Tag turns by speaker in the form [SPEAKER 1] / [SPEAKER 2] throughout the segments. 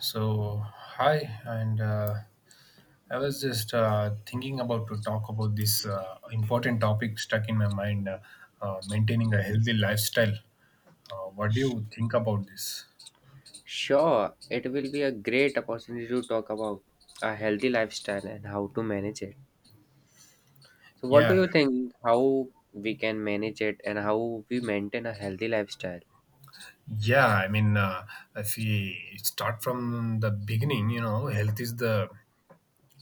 [SPEAKER 1] So, hi, and I was just thinking about to talk about this important topic stuck in my mind, maintaining a healthy lifestyle. What do you think about this?
[SPEAKER 2] Sure, it will be a great opportunity to talk about a healthy lifestyle and how to manage it. So, what do
[SPEAKER 1] Yeah,
[SPEAKER 2] you think? How we can manage it and how we maintain a healthy lifestyle?
[SPEAKER 1] yeah, I mean, if we start from the beginning, you know, health is the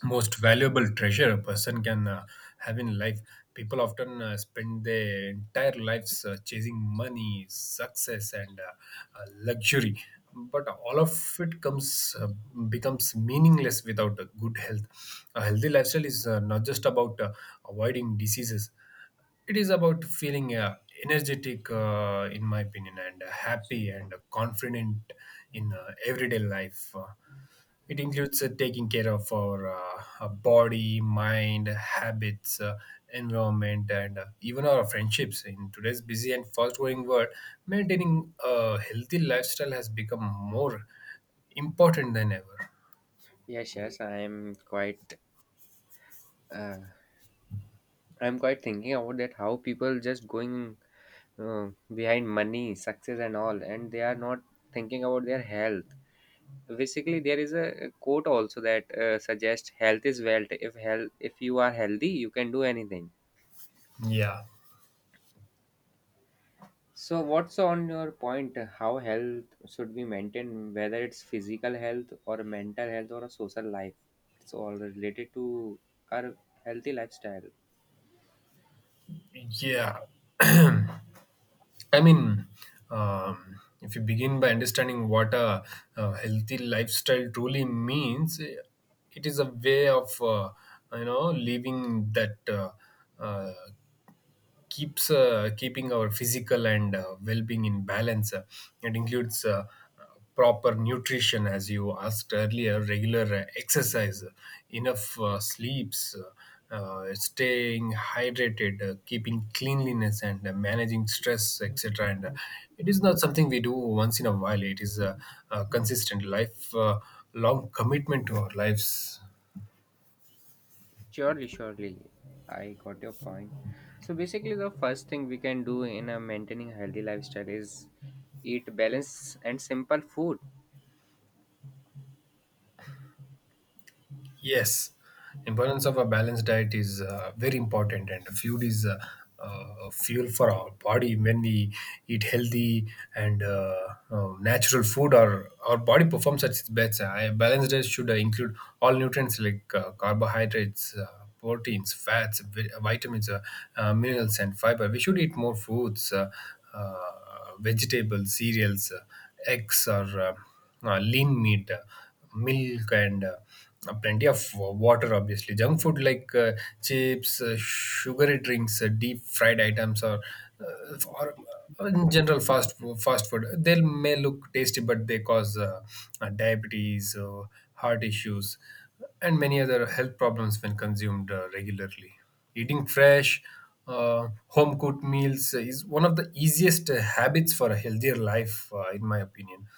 [SPEAKER 1] most valuable treasure a person can have in life. People often spend their entire lives chasing money, success, and luxury, but all of it comes becomes meaningless without a good health. A healthy lifestyle is not just about avoiding diseases. It is about feeling energetic, in my opinion, and happy and confident in everyday life. It includes taking care of our body, mind, habits, environment, and even our friendships. In today's busy and fast-growing world, maintaining a healthy lifestyle has become more important than ever.
[SPEAKER 2] Yes, yes, uh, I'm quite thinking about that. How people just going behind money, success, and all, and they are not thinking about their health. Basically, there is a quote also that suggests health is wealth. If you are healthy, you can do anything.
[SPEAKER 1] Yeah,
[SPEAKER 2] So, what's on your point? How health should be maintained, whether it's physical health or mental health or a social life? It's all related to our healthy lifestyle.
[SPEAKER 1] yeah. I mean, if you begin by understanding what a healthy lifestyle truly means, it is a way of you know living that uh, keeps keeping our physical and well-being in balance. It includes uh, proper nutrition, as you asked earlier, regular exercise, enough sleeps, staying hydrated, keeping cleanliness, and managing stress, etc. And it is not something we do once in a while. It is a consistent life, long commitment to our lives.
[SPEAKER 2] Surely, surely, I got your point. So, basically, the first thing we can do in a maintaining healthy lifestyle is eat balanced and simple food.
[SPEAKER 1] Yes, importance of a balanced diet is very important, and food is fuel for our body. When we eat healthy and natural food, our body performs at its best. A balanced diet should include all nutrients like carbohydrates, proteins, fats, vitamins, minerals, and fiber. We should eat more fruits, vegetables, cereals, eggs, or lean meat, milk, and plenty of water. Obviously, junk food like chips, sugary drinks, deep fried items, or in general, fast food, they may look tasty, but they cause diabetes, heart issues, and many other health problems when consumed regularly. Eating fresh, home cooked meals is one of the easiest habits for a healthier life, in my opinion.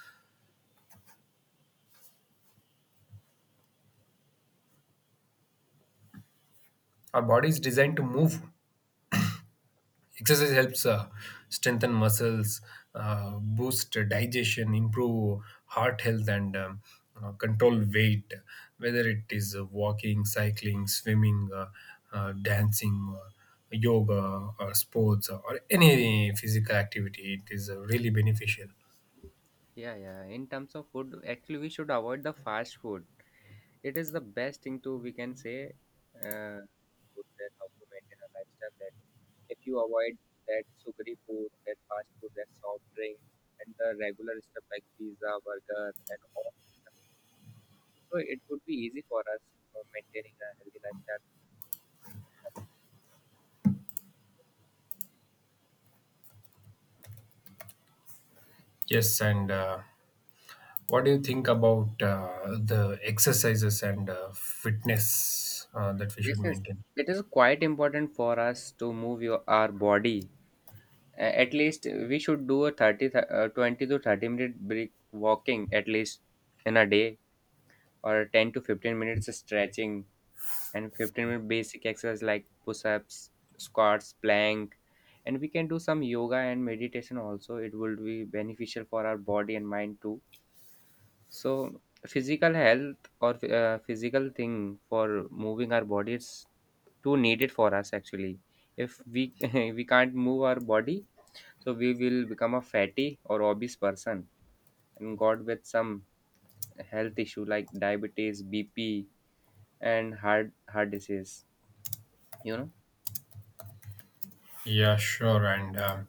[SPEAKER 1] Our body is designed to move. Exercise helps strengthen muscles, boost digestion, improve heart health, and control weight. Whether it is walking, cycling, swimming, dancing, yoga, or sports, or any physical activity, it is really beneficial.
[SPEAKER 2] Yeah, yeah. In terms of food, actually, we should avoid the fast food. It is the best thing to we can say. Uh, Food that how to maintain a lifestyle, that if you avoid that sugary food, that fast food, that soft drinks, and the regular stuff like pizza, burger, and all, so it would be easy for us for maintaining a healthy lifestyle.
[SPEAKER 1] Yes, and what do you think about the exercises and fitness that we
[SPEAKER 2] Yes,
[SPEAKER 1] should
[SPEAKER 2] yes,
[SPEAKER 1] maintain?
[SPEAKER 2] it is quite important for us to move your our body. At least we should do a 20 to 30 minute break walking at least in a day, or 10 to 15 minutes stretching, and 15-minute basic exercise like push-ups, squats, plank. And we can do some yoga and meditation also, it will be beneficial for our body and mind too. So physical health, or physical thing for moving our body, is too needed for us actually. If we we can't move our body, so we will become a fatty or obese person and got with some health issue like diabetes, bp, and heart disease, you know.
[SPEAKER 1] Yeah, sure. And um,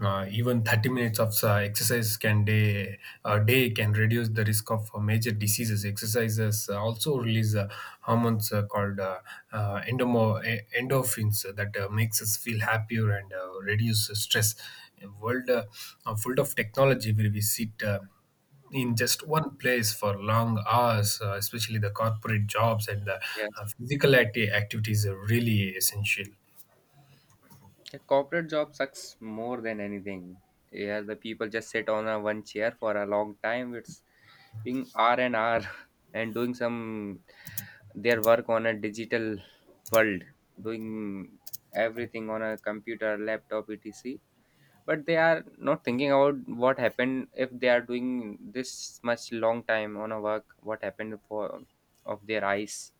[SPEAKER 1] uh, even 30 minutes of exercise can day a day can reduce the risk of major diseases. Exercises also release hormones called endorphins that makes us feel happier and reduce stress. A world full of technology where we sit in just one place for long hours, especially the corporate jobs and the
[SPEAKER 2] Yes.
[SPEAKER 1] physical activities are really essential.
[SPEAKER 2] The corporate job sucks more than anything. Here the people just sit on a one chair for a long time. It's being R and R and doing some their work on a digital world, doing everything on a computer, laptop, etc. But they are not thinking about what happened if they are doing this much long time on a work. What happened for of their eyes,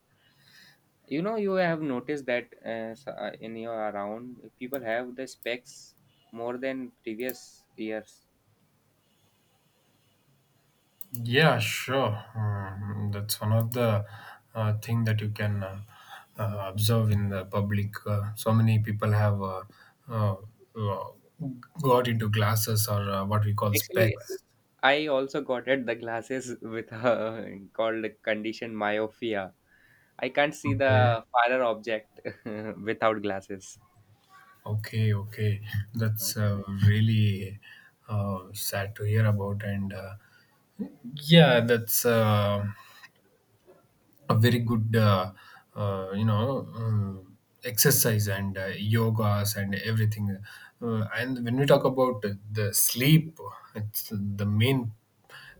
[SPEAKER 2] you know, you have noticed that in your around, people have the specs more than previous years.
[SPEAKER 1] Yeah, sure. That's one of the thing that you can observe in the public. So many people have uh, uh, got into glasses or what we call
[SPEAKER 2] Actually,
[SPEAKER 1] specs.
[SPEAKER 2] I also got it the glasses with called condition myopia. I can't see
[SPEAKER 1] Okay,
[SPEAKER 2] the farther object without glasses.
[SPEAKER 1] okay, okay. That's really sad to hear about, and yeah, that's. A very good you know exercise and yogas and everything. And when we talk about the sleep, it's the main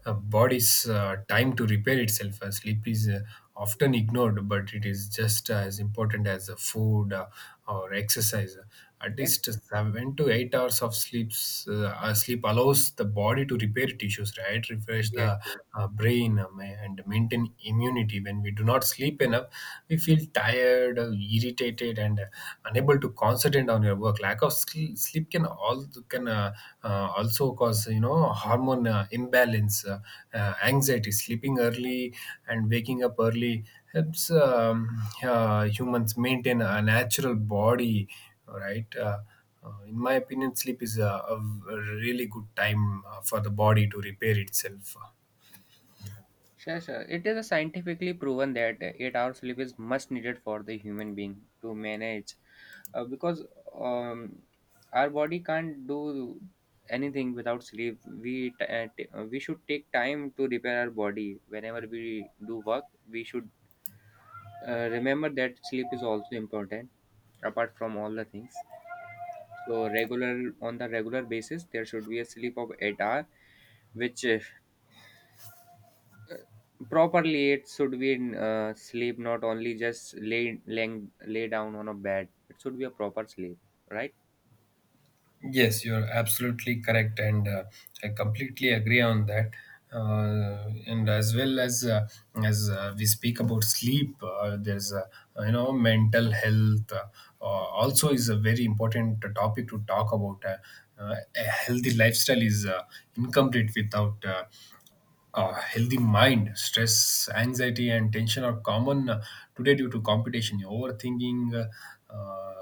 [SPEAKER 1] body's time to repair itself. Sleep is often ignored, but it is just as important as the food, or exercise. At
[SPEAKER 2] Yes,
[SPEAKER 1] least 7 to 8 hours of sleep allows the body to repair tissues, right? Refresh
[SPEAKER 2] yes,
[SPEAKER 1] the
[SPEAKER 2] yes.
[SPEAKER 1] brain, and maintain immunity. When we do not sleep enough, we feel tired, irritated, and unable to concentrate on your work. Lack of sleep can also cause, you know, hormone imbalance, anxiety. Sleeping early and waking up early helps humans maintain a natural body, all right? In my opinion, sleep is a really good time for the body to repair itself.
[SPEAKER 2] Sure, sure. It is scientifically proven that 8 hours sleep is much needed for the human being to manage, because um, our body can't do anything without sleep. We should take time to repair our body whenever we do work. We should remember that sleep is also important, apart from all the things. So regular, on the regular basis, there should be a sleep of 8 hour, which properly it should be in sleep, not only just lay down on a bed. It should be a proper sleep, right?
[SPEAKER 1] Yes, you're absolutely correct, and I completely agree on that. And as well as we speak about sleep, there's you know mental health also is a very important topic to talk about. A healthy lifestyle is incomplete without a healthy mind. Stress, anxiety, and tension are common today due to competition, overthinking, Uh, uh,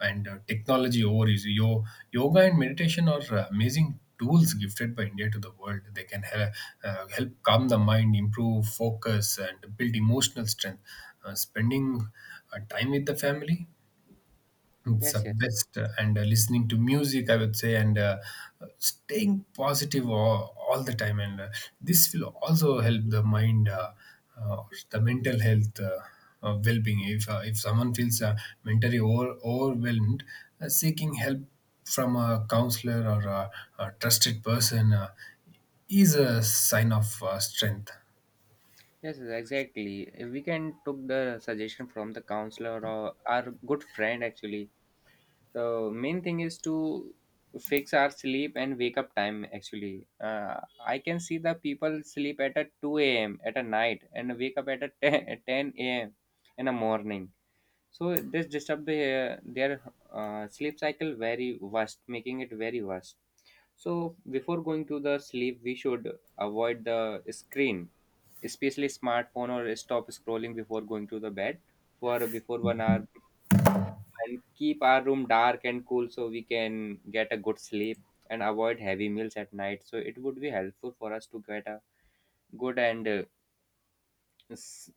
[SPEAKER 1] and technology overuse. Yoga and meditation are amazing tools gifted by India to the world. They help calm the mind, improve focus, and build emotional strength. Spending time with the family, it's the
[SPEAKER 2] Yes, yes.
[SPEAKER 1] best, and listening to music, I would say, and staying positive all the time. And this will also help the mind, uh, the mental health, well being. If someone feels mentally overwhelmed, seeking help from a counselor or a trusted person is a sign of strength.
[SPEAKER 2] Yes, yes, exactly. We can took the suggestion from the counselor or our good friend actually. The main thing is to fix our sleep and wake up time actually. I can see the people sleep at a 2 a.m. at a night and wake up at a 10, a.m. in the morning. So this disturb their sleep cycle very worst, making it very worst. So before going to the sleep, we should avoid the screen, especially smartphone, or stop scrolling before going to the bed for before 1 hour, and keep our room dark and cool so we can get a good sleep, and avoid heavy meals at night, so it would be helpful for us to get a good and s-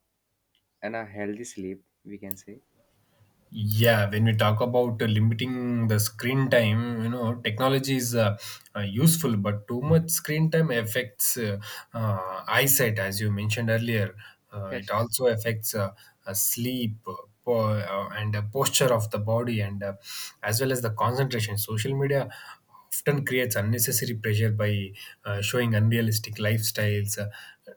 [SPEAKER 2] and a healthy sleep, we can say.
[SPEAKER 1] Yeah, when we talk about limiting the screen time, you know, technology is useful, but too much screen time affects eyesight, as you mentioned earlier. Uh,
[SPEAKER 2] Yes,
[SPEAKER 1] it
[SPEAKER 2] yes,
[SPEAKER 1] also affects sleep po- and posture of the body, and as well as the concentration. Social media often creates unnecessary pressure by showing unrealistic lifestyles.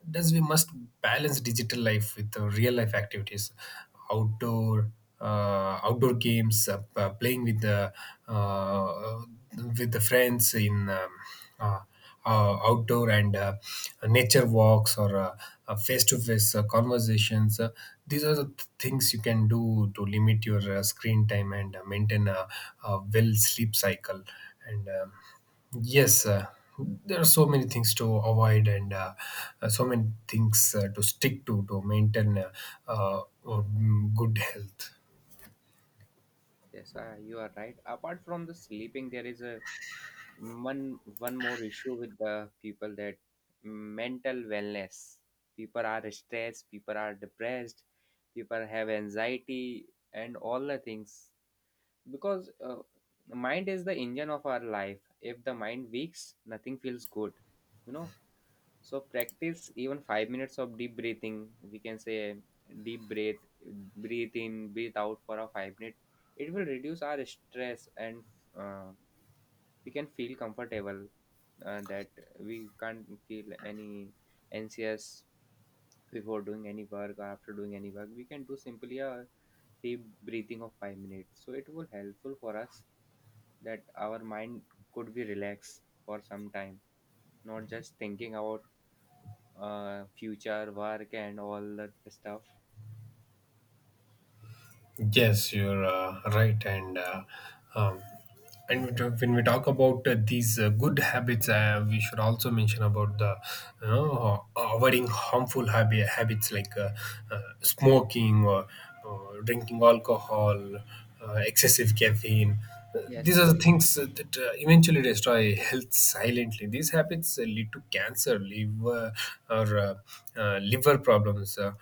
[SPEAKER 1] Thus, we must balance digital life with real life activities, outdoor outdoor games, playing uh, with the friends in uh, outdoor, and nature walks, or face-to-face conversations. These are the things you can do to limit your screen time and maintain a well sleep cycle. And yes, there are so many things to avoid, and so many things to stick to maintain uh, good health.
[SPEAKER 2] yes. You are right. Apart from the sleeping, there is a one more issue with the people, that mental wellness. People are stressed, people are depressed, people have anxiety and all the things, because mind is the engine of our life. If the mind weaks, nothing feels good, you know. So practice even 5 minutes of deep breathing, we can say. Deep breath, breathe in, breathe out for a 5 minute. It will reduce our stress, and uh, we can feel comfortable, that we can't feel any anxious before doing any work or after doing any work. We can do simply a deep breathing of 5 minutes, so it will helpful for us that our mind could be relaxed for some time, not just thinking about future work and all that stuff.
[SPEAKER 1] Yes, you're right, and um, when we talk about these good habits, we should also mention about the, you know, avoiding harmful habits like smoking, or drinking alcohol, excessive caffeine.
[SPEAKER 2] Yes,
[SPEAKER 1] These are the
[SPEAKER 2] yes.
[SPEAKER 1] things that eventually destroy health silently. These habits lead to cancer, liver, or liver problems,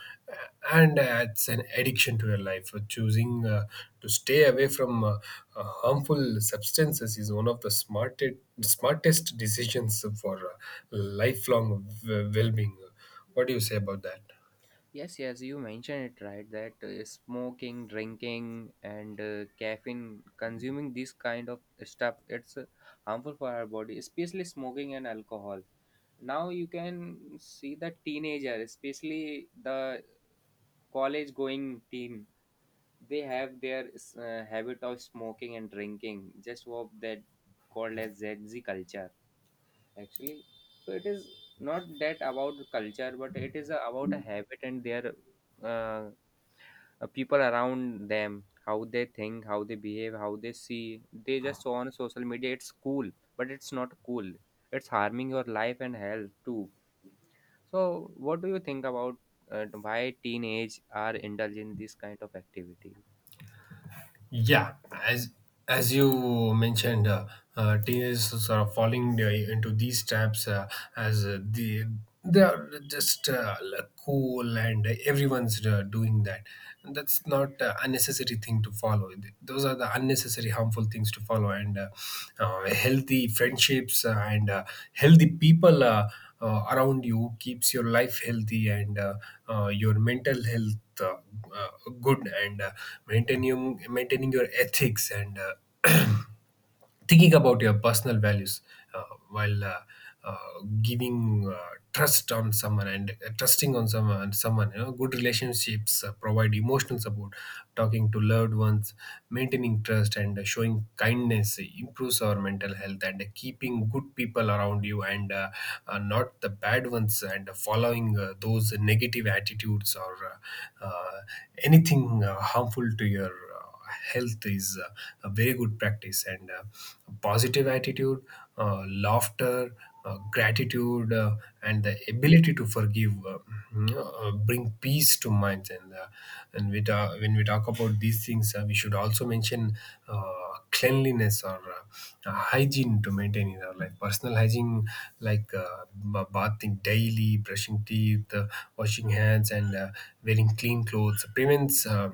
[SPEAKER 1] and adds an addiction to your life. Choosing to stay away from harmful substances is one of the smartest decisions for lifelong well-being. What do you say about that?
[SPEAKER 2] Yes, yes, you mentioned it right, that smoking, drinking, and caffeine consuming this kind of stuff, it's harmful for our body, especially smoking and alcohol. Now you can see the teenager, especially the college going teen, they have their habit of smoking and drinking. Just what that called as Z Z culture, actually. So it is not that about culture, but it is about a habit and their uh, people around them, how they think, how they behave, how they see, they just saw on social media it's cool, but it's not cool, it's harming your life and health too. So what do you think about, why teenage are indulged in this kind of activity?
[SPEAKER 1] Yeah, as you mentioned, teenagers are falling into these traps, as they are just like cool and everyone's doing that. And that's not unnecessary thing to follow. Those are the unnecessary harmful things to follow. And healthy friendships and healthy people around you keeps your life healthy, and your mental health uh, good, and maintaining your ethics, and thinking about your personal values, uh, while uh, giving trust on someone, and trusting on someone you know. Good relationships provide emotional support. Talking to loved ones, maintaining trust, and showing kindness improves our mental health, and keeping good people around you, and not the bad ones, and following those negative attitudes or uh, uh, anything harmful to your health is a very good practice. And positive attitude, laughter, gratitude, and the ability to forgive you bring peace to minds. And when we talk about these things, we should also mention cleanliness, or hygiene to maintain in our life. Personal hygiene like bathing daily, brushing teeth, washing hands, and wearing clean clothes prevents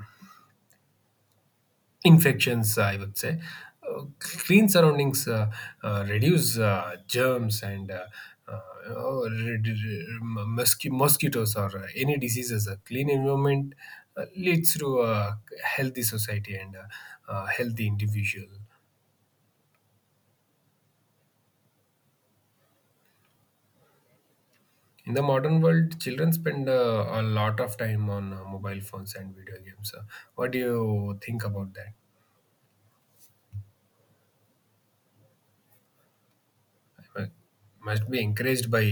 [SPEAKER 1] infections, I would say. Clean surroundings reduce germs, and mosquitoes or any diseases. A clean environment leads to a healthy society and healthy individual. In the modern world, children spend a lot of time on mobile phones and video games. What do you think about that? I must be encouraged by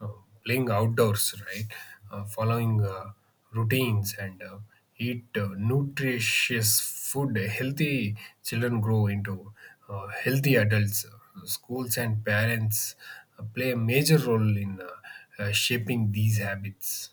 [SPEAKER 1] uh, playing outdoors, right? Following routines, and eat nutritious food. Healthy children grow into healthy adults. Schools and parents play a major role in shaping these habits.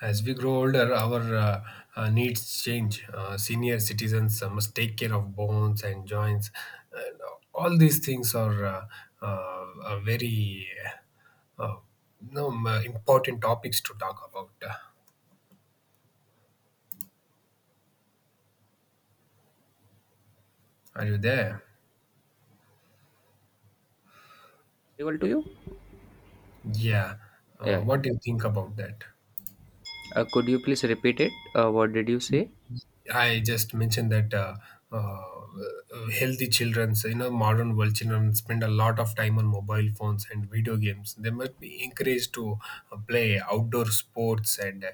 [SPEAKER 1] As we grow older, our needs change. Senior citizens must take care of bones and joints. And all these things are very uh, uh, no, important topics to talk about. Are you there?
[SPEAKER 2] Audible to you?
[SPEAKER 1] Yeah.
[SPEAKER 2] Yeah, yeah.
[SPEAKER 1] What do you think about that?
[SPEAKER 2] Could you please repeat it? What did you say?
[SPEAKER 1] I just mentioned that healthy children's, modern world children spend a lot of time on mobile phones and video games. They must be encouraged to play outdoor sports and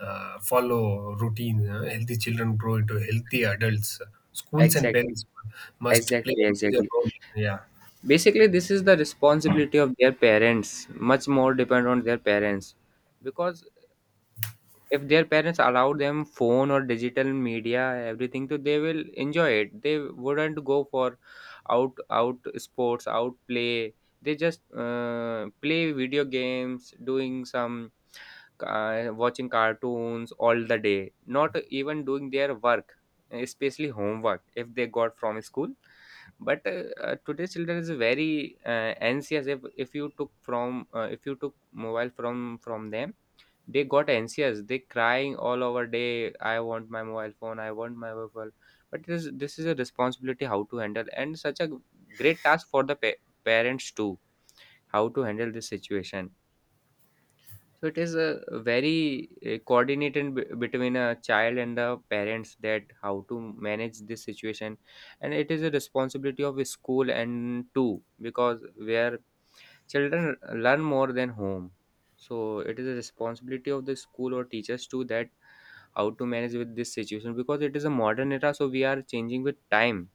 [SPEAKER 1] follow routine. Healthy children grow into healthy adults. Schools and
[SPEAKER 2] Exactly,
[SPEAKER 1] parents must play
[SPEAKER 2] exactly,
[SPEAKER 1] a major
[SPEAKER 2] exactly.
[SPEAKER 1] role. Yeah.
[SPEAKER 2] Basically, this is the responsibility of their parents. Much more depend on their parents, because if their parents allow them phone or digital media everything, so they will enjoy it, they wouldn't go for out sports, out play. They just play video games, doing some watching cartoons all the day, not even doing their work, especially homework, if they got from school. But today's children is very anxious. If you took from, if you took mobile from them, they got anxious, they crying all over day, "I want my mobile phone, I want my mobile phone." But this is a responsibility how to handle, and such a great task for the parents too, how to handle this situation. So it is a very coordinated between a child and the parents, that how to manage this situation. And it is a responsibility of a school and too, because where children learn more than home. So it is a responsibility of the school or teachers to that how to manage with this situation, because it is a modern era, so we are changing with time.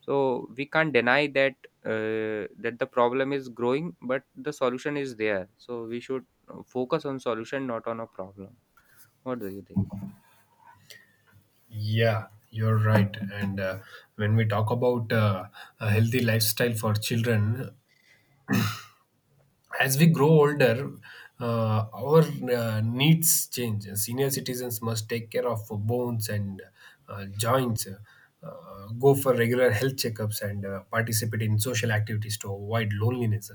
[SPEAKER 2] So we can't deny that, that the problem is growing, but the solution is there, so we should focus on solution, not on a problem. What do you think?
[SPEAKER 1] Yeah, you're right. And when we talk about a healthy lifestyle for children, as we grow older, our needs change. Senior citizens must take care of bones and joints, go for regular health checkups, and participate in social activities to avoid loneliness.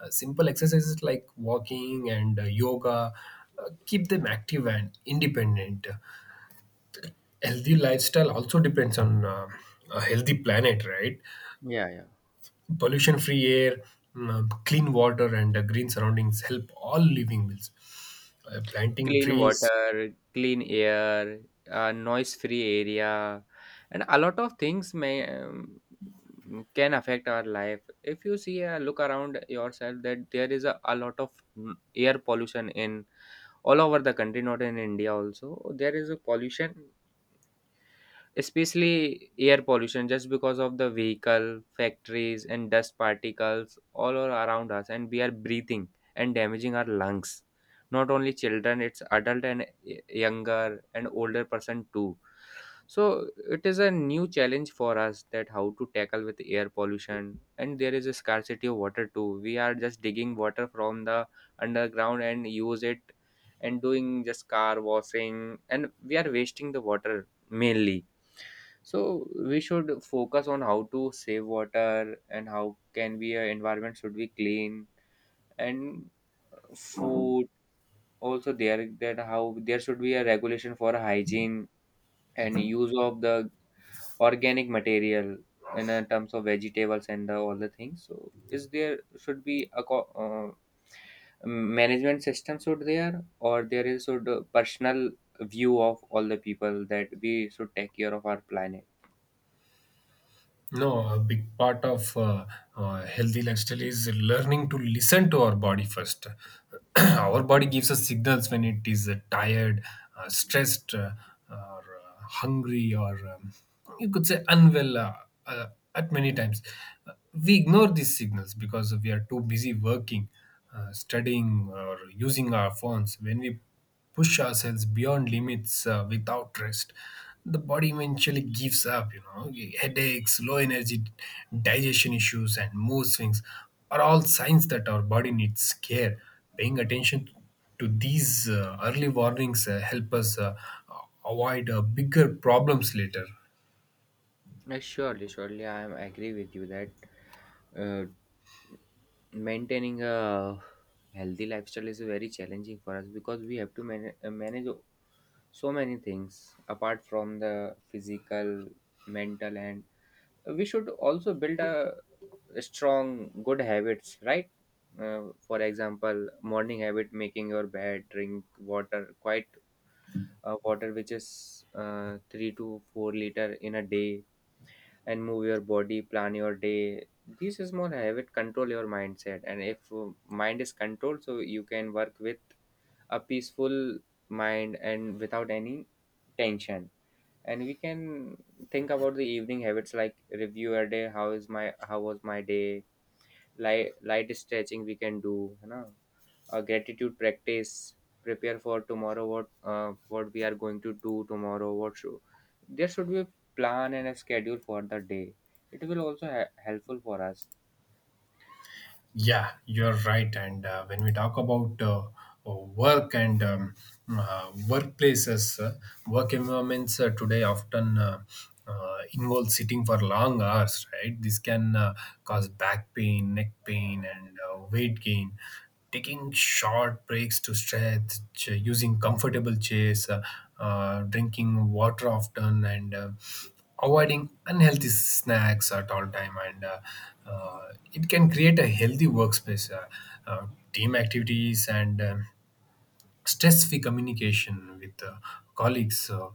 [SPEAKER 1] Simple exercises like walking and yoga keep them active and independent. Healthy lifestyle also depends on a healthy planet, right?
[SPEAKER 2] Yeah, yeah.
[SPEAKER 1] Pollution free air, clean water, and green surroundings help all living beings. Planting
[SPEAKER 2] Clean
[SPEAKER 1] trees.
[SPEAKER 2] water, clean air, a noise-free area, and a lot of things may can affect our life. If you see a look around yourself, that there is a lot of air pollution in all over the country, not in India also. There is a pollution, especially air pollution, just because of the vehicle factories and dust particles all are around us, and we are breathing and damaging our lungs, not only children, it's adult and younger and older person too. So it is a new challenge for us, that how to tackle with air pollution. And there is a scarcity of water too, we are just digging water from the underground and use it, and doing just car washing, and we are wasting the water mainly. So we should focus on how to save water, and how can be a environment should be clean. And food also there, that how there should be a regulation for hygiene and use of the organic material in terms of vegetables and all the things. So is there should be a management system should there, or there is should personal view of all the people, that we should take care of our planet.
[SPEAKER 1] No, a big part of healthy lifestyle is learning to listen to our body first. Our body gives us signals when it is tired, stressed, or hungry, or you could say unwell uh, at many times. Uh, we ignore these signals because we are too busy working, studying, or using our phones. When we push ourselves beyond limits without rest, the body eventually gives up. Headaches, low energy, digestion issues, and mood swings are all signs that our body needs care. Paying attention to these early warnings help us avoid bigger problems later.
[SPEAKER 2] Surely, surely, I am agree with you that uh, maintaining a healthy lifestyle is very challenging for us, because we have to manage so many things apart from the physical, mental. And we should also build a strong good habits, right? For example, morning habit, making your bed, drink water, quite water which is 3 to 4 liter in a day, and move your body, plan your day. These small habits control your mindset, and if mind is controlled, so you can work with a peaceful mind and without any tension. And we can think about the evening habits, like review your day. How was my day? Light stretching we can do, you know? Gratitude practice, prepare for tomorrow, what we are going to do tomorrow, what should. There should be a plan and a schedule for the day, it will also helpful for us.
[SPEAKER 1] Yeah, you're right. And when we talk about work and workplaces, work environments today often involve sitting for long hours, right? This can cause back pain, neck pain, and weight gain. Taking short breaks to stretch, using comfortable chairs, drinking water often, and avoiding unhealthy snacks at all time, and it can create a healthy workspace. Uh, Team activities and stress-free communication with colleagues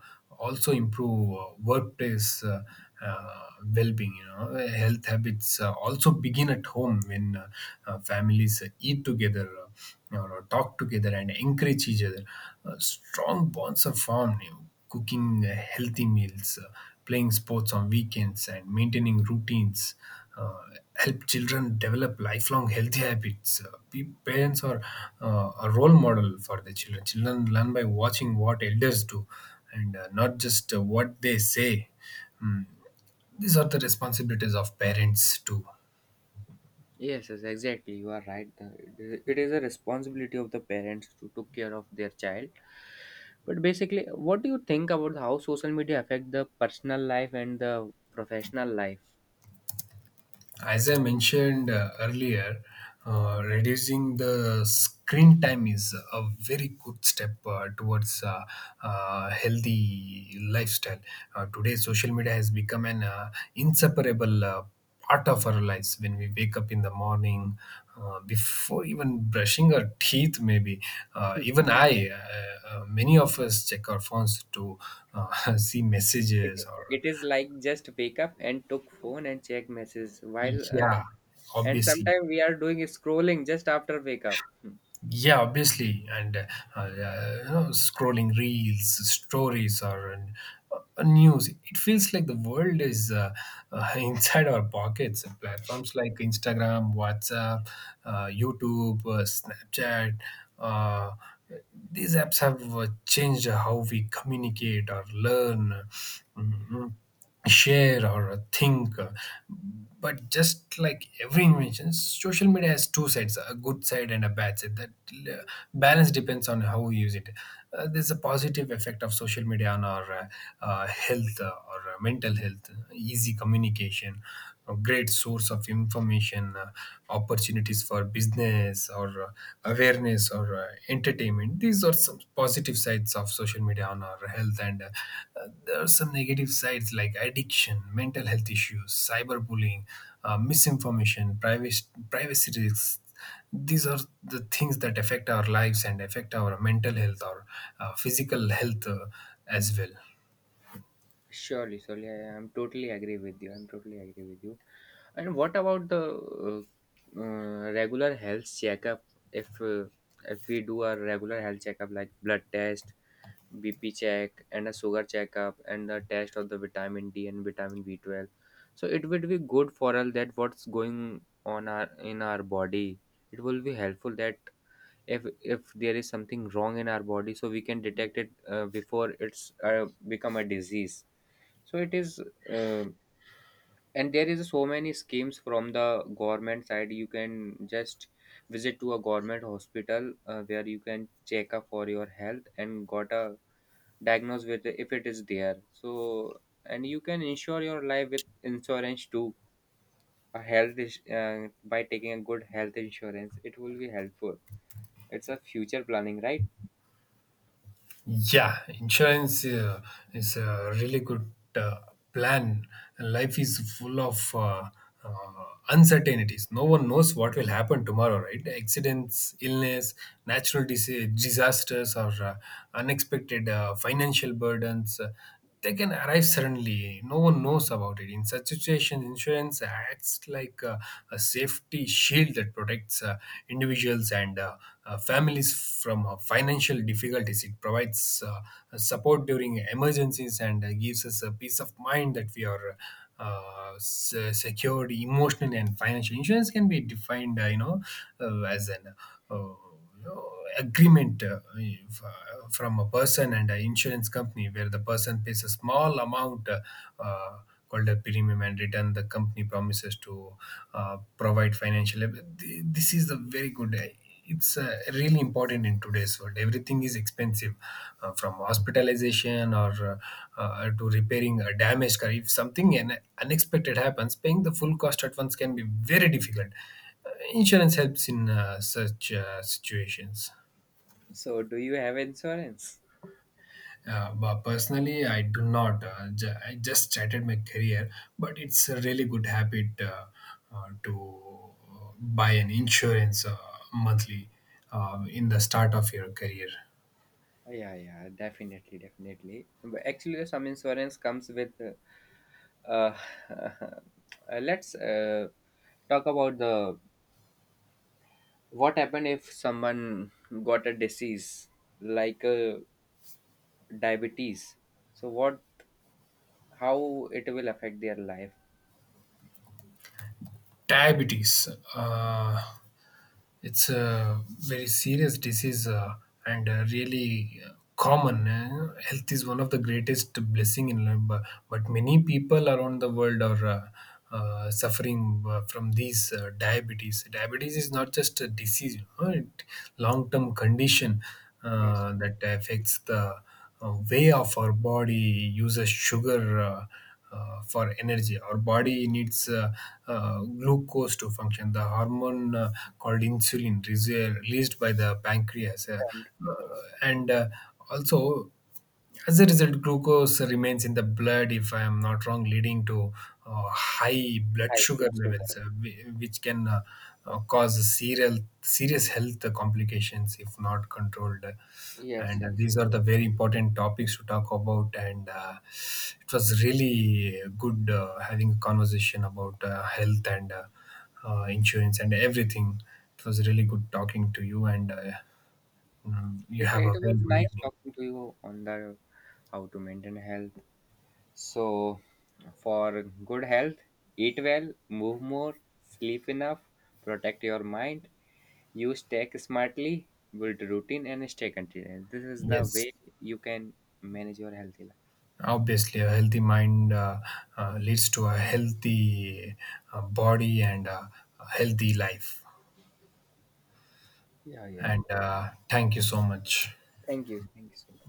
[SPEAKER 1] also improve workplace uh, well-being. Health habits also begin at home when families eat together or talk together and encourage each other. Strong bonds are formed, Cooking healthy meals, playing sports on weekends, and maintaining routines uh, help children develop lifelong healthy habits. Pe- parents are a role model for their children. Children learn by watching what elders do, and not just what they say. Mm, These are the responsibilities of parents too.
[SPEAKER 2] Yes, yes, exactly, you are right. It is a responsibility of the parents to take care of their child. But basically, what do you think about how social media affect the personal life and the professional life?
[SPEAKER 1] As I mentioned earlier, reducing the screen time is a very good step towards a healthy lifestyle. Today, social media has become an inseparable part of our lives. When we wake up in the morning, before even brushing our teeth, maybe even I, many of us check our phones to uh, see
[SPEAKER 2] it,
[SPEAKER 1] messages or
[SPEAKER 2] it is like just wake up and took phone and check messages while.
[SPEAKER 1] yeah,
[SPEAKER 2] And
[SPEAKER 1] obviously.
[SPEAKER 2] sometimes we are doing scrolling just after wake up. Hmm.
[SPEAKER 1] Yeah, obviously, and uh, you know, scrolling reels, stories, or news. It feels like the world is inside our pockets. Platforms like Instagram, WhatsApp, YouTube, Snapchat. Uh, these apps have changed how we communicate or learn. Mhm. Share or think. But just like every invention, social media has two sides, a good side and a bad side. That balance depends on how we use it. There's a positive effect of social media on our health or mental health, easy communication, a great source of information, opportunities for business or awareness or entertainment. These are some positive sides of social media on our health, and there are some negative sides like addiction, mental health issues, cyberbullying, misinformation, privacy risks. These are the things that affect our lives and affect our mental health or physical health as well.
[SPEAKER 2] Surely, surely, I'm totally agree with you, and what about the uh, regular health checkup? If uh, if we do a regular health checkup like blood test, bp check, and a sugar checkup, and the test of the vitamin d and vitamin B12, so it would be good for all that what's going on our in our body. It will be helpful, that if there is something wrong in our body, so we can detect it before it's become a disease. So it is, uh, and there is so many schemes from the government side. You can just visit to a government hospital, where you can check up for your health and got a diagnose with, if it is there. So and you can insure your life with insurance too. By taking a good health insurance, it will be helpful. It's a future planning, right?
[SPEAKER 1] Yeah, insurance is a really good plan. Life is full of uh, uncertainties. No one knows what will happen tomorrow, right? Accidents, illness, natural disasters, or unexpected financial burdens, they can arrive suddenly. No one knows about it. In such situations, insurance acts like a safety shield that protects individuals and families from financial difficulties. It provides support during emergencies and gives us a peace of mind that we are secured emotionally and financially. Insurance can be defined as an uh, you know, agreement if, from a person and an insurance company where the person pays a small amount uh, called a premium and return the company promises to provide financial this is a very good it's really important in today's world, everything is expensive from hospitalization or to repairing a damaged car. If something an unexpected happens, paying the full cost at once can be very difficult. Insurance helps in such situations.
[SPEAKER 2] So, do you have insurance?
[SPEAKER 1] But personally, I do not. I just started my career, but it's a really good habit to buy an insurance monthly in the start of your career.
[SPEAKER 2] Yeah, yeah, definitely, definitely. But actually, some insurance comes with. Uh, uh, let's talk about the what happened if someone got a disease like diabetes. So what? How it will affect their life?
[SPEAKER 1] Diabetes, uh, it's a very serious disease and really common. Health is one of the greatest blessing in life, but many people around the world are suffering from these diabetes. Diabetes is not just a disease, it long-term condition
[SPEAKER 2] Yes,
[SPEAKER 1] that
[SPEAKER 2] it is
[SPEAKER 1] affects the way of our body uses sugar for energy. Our body needs glucose to function. The hormone called insulin is released by the pancreas,
[SPEAKER 2] a bank,
[SPEAKER 1] uh,
[SPEAKER 2] that's right.
[SPEAKER 1] and also as a result, glucose remains in the blood, if I am not wrong, leading to high blood
[SPEAKER 2] High
[SPEAKER 1] sugar
[SPEAKER 2] blood
[SPEAKER 1] levels,
[SPEAKER 2] sugar.
[SPEAKER 1] which can cause serious health complications if not controlled.
[SPEAKER 2] Yes,
[SPEAKER 1] And
[SPEAKER 2] yes,
[SPEAKER 1] these are
[SPEAKER 2] you
[SPEAKER 1] the
[SPEAKER 2] are
[SPEAKER 1] very
[SPEAKER 2] right.
[SPEAKER 1] important topics to talk about, and it was really good having a conversation about health and insurance and everything. It was really good talking to you, and you
[SPEAKER 2] Yes,
[SPEAKER 1] have
[SPEAKER 2] it
[SPEAKER 1] a very
[SPEAKER 2] was
[SPEAKER 1] good
[SPEAKER 2] nice
[SPEAKER 1] evening.
[SPEAKER 2] talking to you on the how to maintain health. So, for good health, eat well, move more, sleep enough, protect your mind, use tech smartly, build routine, and stay continuous. This is the
[SPEAKER 1] Yes,
[SPEAKER 2] way you can manage your healthy life.
[SPEAKER 1] obviously a healthy mind leads to a healthy body and a healthy life.
[SPEAKER 2] Yeah, yeah.
[SPEAKER 1] And thank you so much.
[SPEAKER 2] Thank you. Thank you so much.